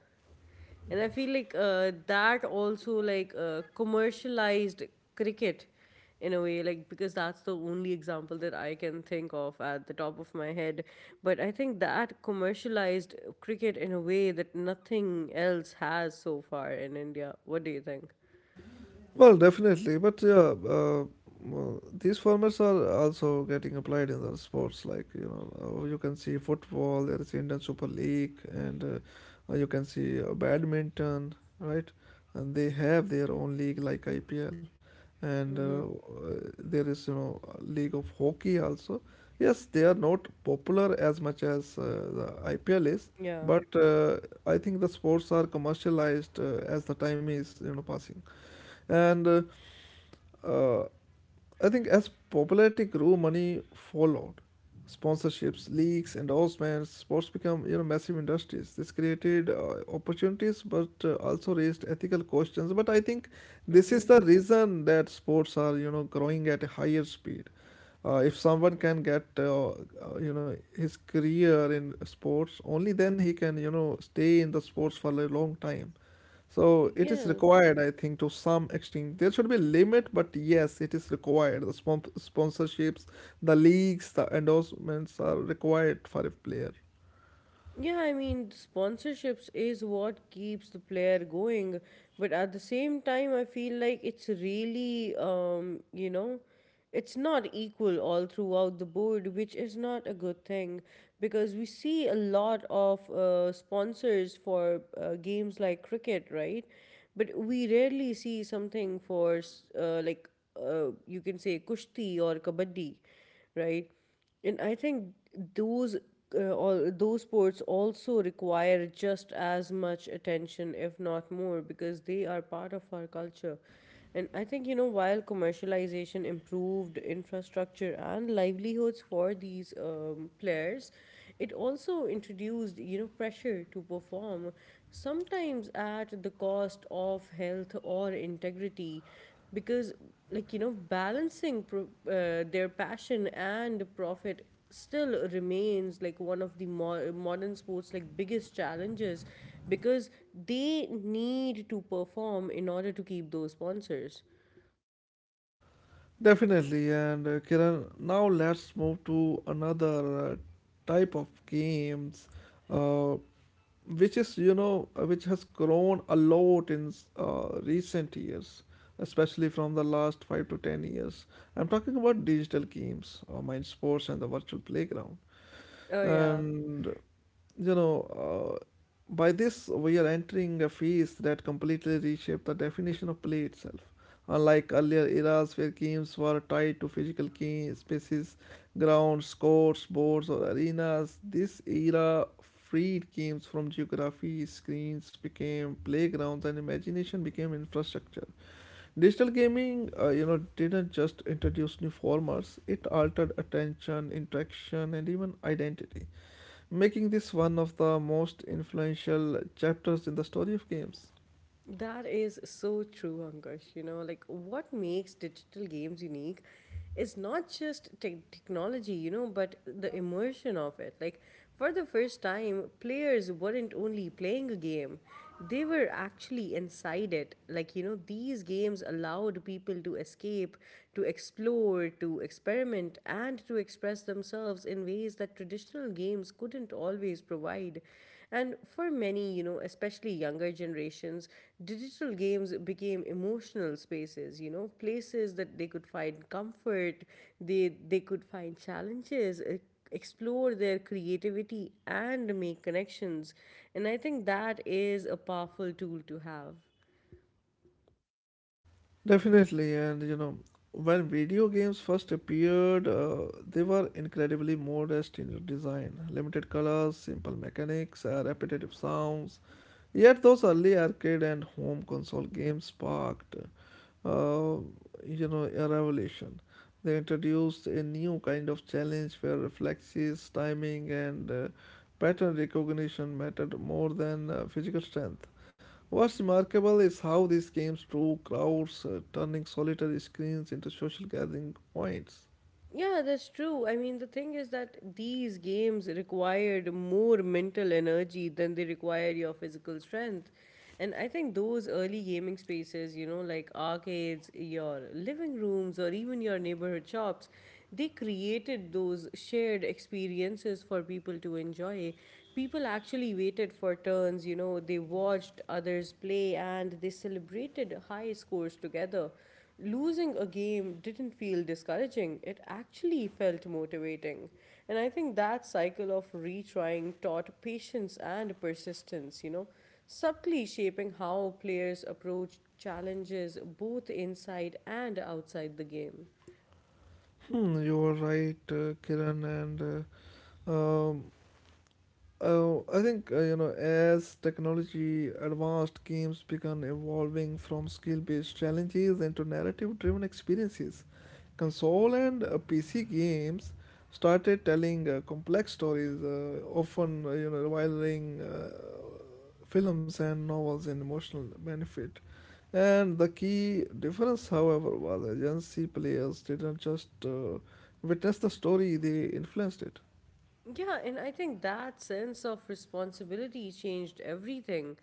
S2: And I feel like that also like commercialized cricket in a way, like because that's the only example that I can think of at the top of my head. But I think that commercialized cricket in a way that nothing else has so far in India. What do you think?
S1: Well, definitely, but yeah, well, these formats are also getting applied in the sports. Like you know, you can see football. There is Indian Super League, and you can see badminton, right? And they have their own league like IPL, and
S2: Mm-hmm.
S1: there is you know a league of hockey also. Yes, they are not popular as much as the IPL is,
S2: Yeah.
S1: but I think the sports are commercialized as the time is you know passing, and uh, I think as popularity grew, money followed. Sponsorships, leaks, endorsements, sports become you know massive industries. This created opportunities, but also raised ethical questions. But I think this is
S2: Mm-hmm.
S1: the reason that sports are you know growing at a higher speed. If someone can get you know his career in sports, only then he can you know stay in the sports for a long time. So it is
S2: Yeah.
S1: required, I think, to some extent. There should be a limit, but yes, it is required. The sponsorships, the leagues, the endorsements are required for a player.
S2: Yeah, I mean, sponsorships is what keeps the player going, but at the same time, I feel like it's really, you know, it's not equal all throughout the board, which is not a good thing, because we see a lot of sponsors for games like cricket, right? But we rarely see something for, like, you can say kushti or kabaddi, right? And I think those all those sports also require just as much attention, if not more, because they are part of our culture. And I think, you know, while commercialization improved infrastructure and livelihoods for these players, it also introduced, you know, pressure to perform, sometimes at the cost of health or integrity, because, like, you know, balancing their passion and profit still remains like one of the modern sports like biggest challenges, because they need to perform in order to keep those sponsors.
S1: Definitely. And Kiran, now let's move to another type of games, uh, which is, you know, which has grown a lot in recent years, especially from the last 5 to 10 years. I'm talking about digital games, mind sports, and the virtual playground.
S2: Oh yeah.
S1: And you know, by this we are entering a phase that completely reshaped the definition of play itself. Unlike earlier eras where games were tied to physical key spaces, grounds, courts, boards, or arenas, this era freed games from geography. Screens became playgrounds, and imagination became infrastructure. Digital gaming, you know, didn't just introduce new formats; it altered attention, interaction, and even identity, making this one of the most influential chapters in the story of games.
S2: That is so true, Ankush. You know, like what makes digital games unique is not just technology, you know, but the immersion of it. Like, for the first time, players weren't only playing a game, they were actually inside it. Like, you know, these games allowed people to escape, to explore, to experiment, and to express themselves in ways that traditional games couldn't always provide. And for many, you know, especially younger generations, digital games became emotional spaces, you know, places that they could find comfort, they could find challenges, explore their creativity and make connections. And I think that is a powerful tool to have.
S1: Definitely, and you know, when video games first appeared, they were incredibly modest in their design, limited colors, simple mechanics, repetitive sounds. Yet, those early arcade and home console games sparked uh, you know, a revelation. They introduced a new kind of challenge where reflexes, timing, and pattern recognition mattered more than physical strength. What's remarkable is how these games drew crowds, turning solitary screens into social gathering points.
S2: Yeah, that's true. I mean, the thing is that these games required more mental energy than they require your physical strength. And I think those early gaming spaces, you know, like arcades, your living rooms, or even your neighborhood shops, they created those shared experiences for people to enjoy. People actually waited for turns, you know, they watched others play and they celebrated high scores together. Losing a game didn't feel discouraging, it actually felt motivating. And I think that cycle of retrying taught patience and persistence, you know, subtly shaping how players approach challenges both inside and outside the game.
S1: Hmm, you are right, Kiran, and uh, um, I think you know as technology advanced, games began evolving from skill-based challenges into narrative-driven experiences. Console and PC games started telling complex stories, often you know rivaling films and novels in emotional benefit. And the key difference, however, was agency. Players didn't just witness the story; they influenced it.
S2: Yeah, and I think that sense of responsibility changed everything.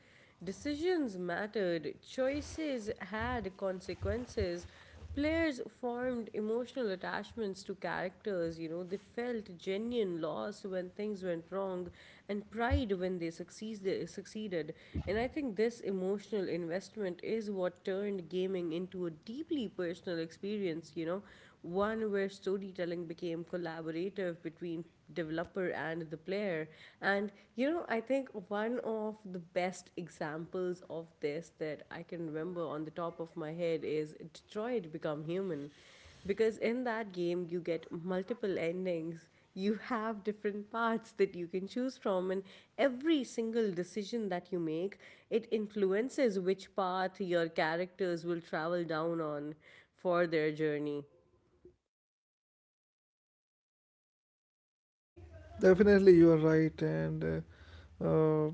S2: Decisions mattered, choices had consequences. Players formed emotional attachments to characters, you know, they felt genuine loss when things went wrong and pride when they succeeded. And I think this emotional investment is what turned gaming into a deeply personal experience, you know, one where storytelling became collaborative between developer and the player. And you know, I think one of the best examples of this that I can remember on the top of my head is Detroit Become Human. Because in that game, you get multiple endings. You have different paths that you can choose from, and every single decision that you make, it influences which path your characters will travel down on for their journey.
S1: Definitely, you are right, and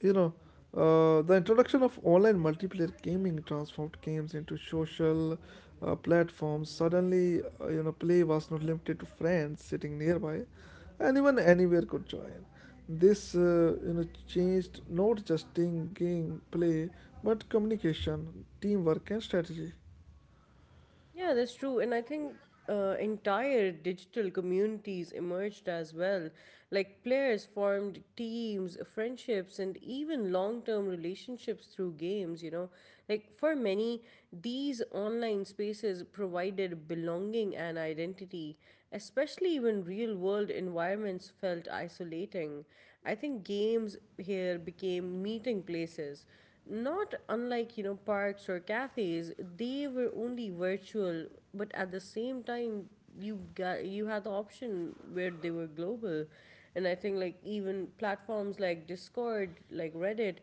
S1: you know the introduction of online multiplayer gaming transformed games into social platforms. Suddenly, you know, play was not limited to friends sitting nearby; anyone anywhere could join. This you know changed not just in game play, but communication, teamwork, and strategy.
S2: Yeah, that's true. And I think entire digital communities emerged as well. Like players formed teams, friendships, and even long term relationships through games, you know. Like for many, these online spaces provided belonging and identity, especially when real world environments felt isolating. I think games here became meeting places not unlike, you know, parks or cafes, they were only virtual, but at the same time, you had the option where they were global. And I think like even platforms like Discord, like Reddit,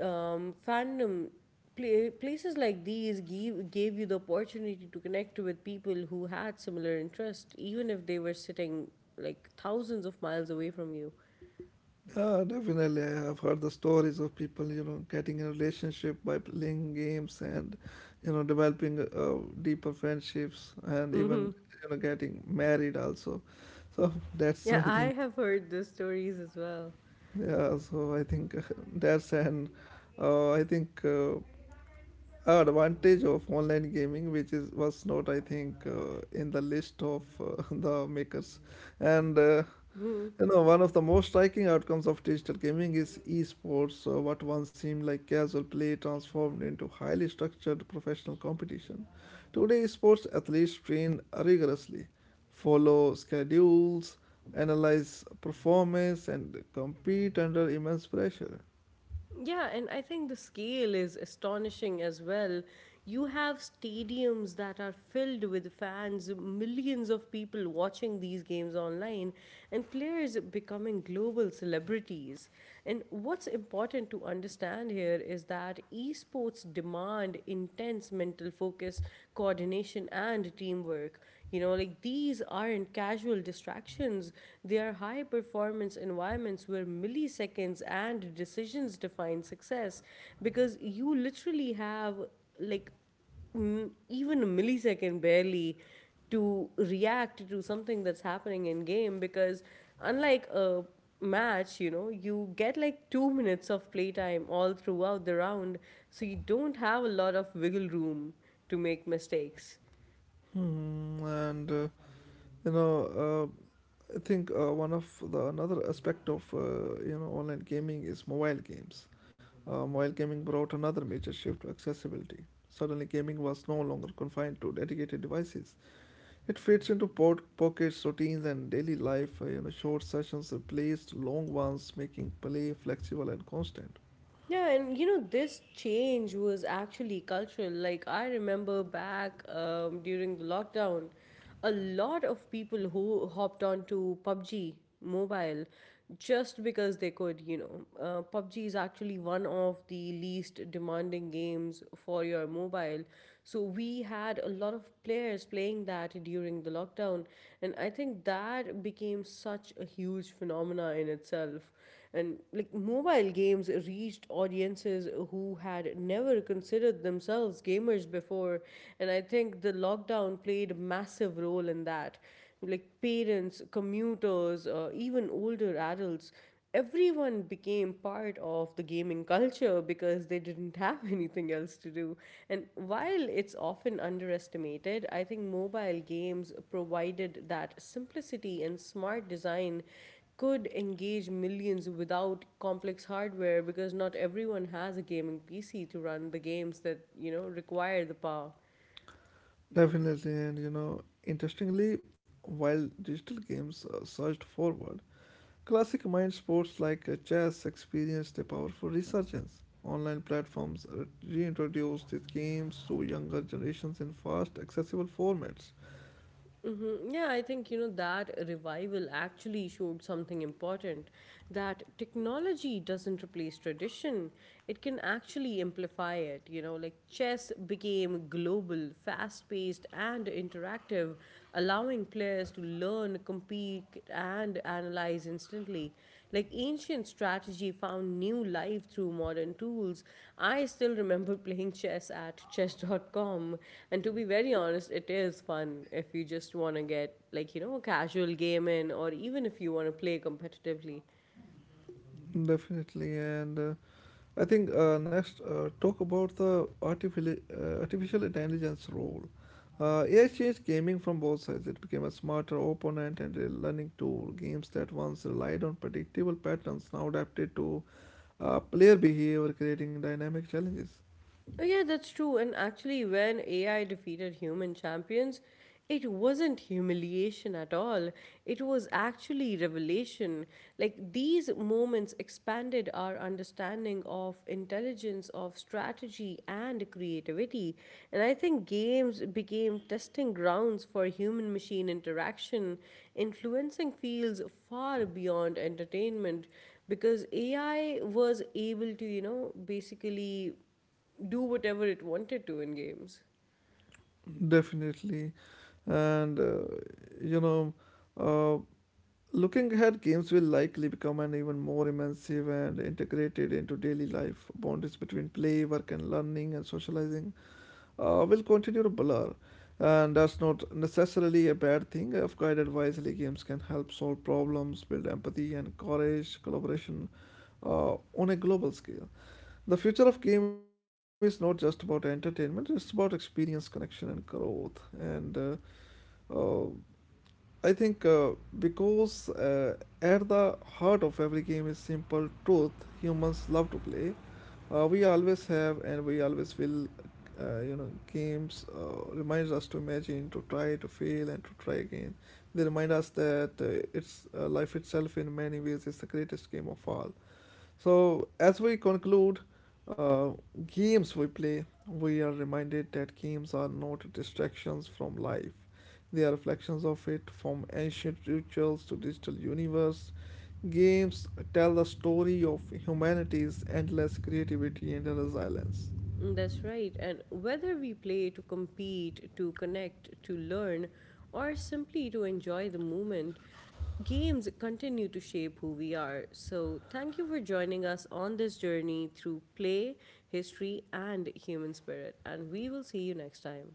S2: fandom, places like these give gave you the opportunity to connect with people who had similar interests, even if they were sitting like thousands of miles away from you.
S1: Definitely, I have heard the stories of people, you know, getting in a relationship by playing games, and, you know, developing deeper friendships, and
S2: Hmm.
S1: even, you know, getting married also. So that's,
S2: Yeah,
S1: I
S2: I
S1: think,
S2: have heard the stories as
S1: yeah, so I think that's an, I think, advantage of online gaming, which is was not, I think, in the list of the makers. And
S2: well.
S1: you know, one of the most striking outcomes of digital gaming is esports, so what once seemed like casual play transformed into highly structured professional competition. Today, sports athletes train rigorously, follow schedules, analyze performance, and compete under immense pressure.
S2: Yeah, and I think the scale is astonishing as well. You have stadiums that are filled with fans, millions of people watching these games online, and players becoming global celebrities. And what's important to understand here is that esports demand intense mental focus, coordination, and teamwork. You know, like these aren't casual distractions, they are high performance environments where milliseconds and decisions define success, because you literally have, like, even a millisecond barely to react to something that's happening in game. Because unlike a match, you know, you get like 2 minutes of playtime all throughout the round, so you don't have a lot of wiggle room to make mistakes.
S1: Hmm, and you know, I think one of the another aspect of you know online gaming is mobile games. Mobile gaming brought another major shift to accessibility. Suddenly, gaming was no longer confined to dedicated devices. It fits into pockets, routines, and daily life. You know, short sessions replaced long ones, making play flexible and constant.
S2: Yeah, and you know, this change was actually cultural. Like, I remember back during the lockdown, a lot of people who hopped onto PUBG mobile just because they could, you know. PUBG is actually one of the least demanding games for your mobile. So we had a lot of players playing that during the lockdown, and I think that became such a huge phenomena in itself. And like mobile games reached audiences who had never considered themselves gamers before, and I think the lockdown played a massive role in that, like parents, commuters, even older adults, everyone became part of the gaming culture because they didn't have anything else to do. And while it's often underestimated, I think mobile games provided that simplicity and smart design could engage millions without complex hardware, because not everyone has a gaming PC to run the games that, you know, require the power.
S1: Definitely, and you know, interestingly, while digital games surged forward, classic mind sports like chess experienced a powerful resurgence. Online platforms reintroduced these games to younger generations in fast, accessible formats.
S2: Hmm. Yeah, I think you know that revival actually showed something important, that technology doesn't replace tradition, it can actually amplify it. You know, like chess became global, fast paced, and interactive, allowing players to learn, compete, critique and analyze instantly. Like ancient strategy found new life through modern tools. I still remember playing chess at chess.com, and to be very honest, it is fun if you just want to get, like, you know, a casual game in, or even if you want to play competitively.
S1: Definitely, and I think next talk about the artificial intelligence role. AI changed gaming from both sides. It became a smarter opponent and a learning tool. Games that once relied on predictable patterns now adapted to player behavior, creating dynamic challenges.
S2: Oh, yeah, that's true. And actually, when AI defeated human champions, it wasn't humiliation at all. It was actually revelation. Like these moments expanded our understanding of intelligence, of strategy, and creativity. And I think games became testing grounds for human machine interaction, influencing fields far beyond entertainment, because AI was able to, you know, basically do whatever it wanted to in games.
S1: Definitely. And you know, uh, looking ahead, games will likely become an even more immersive and integrated into daily life. Boundaries between play, work, and learning and socializing will continue to blur. And that's not necessarily a bad thing. If guided wisely, games can help solve problems, build empathy, and encourage collaboration on a global scale. The future of game is not just about entertainment; it's about experience, connection, and growth. And uh, I think because at the heart of every game is simple truth, humans love to play. We always have, and we always will. You know, games remind us to imagine, to try, to fail, and to try again. They remind us that it's life itself in many ways is the greatest game of all. So, as we conclude, uh, games we play, we are reminded that games are not distractions from life. They are reflections of it, from ancient rituals to digital universe. Games tell the story of humanity's endless creativity and resilience.
S2: That's right. And whether we play to compete, to connect, to learn, or simply to enjoy the moment, games continue to shape who we are. So, thank you for joining us on this journey through play, history, and human spirit. And we will see you next time.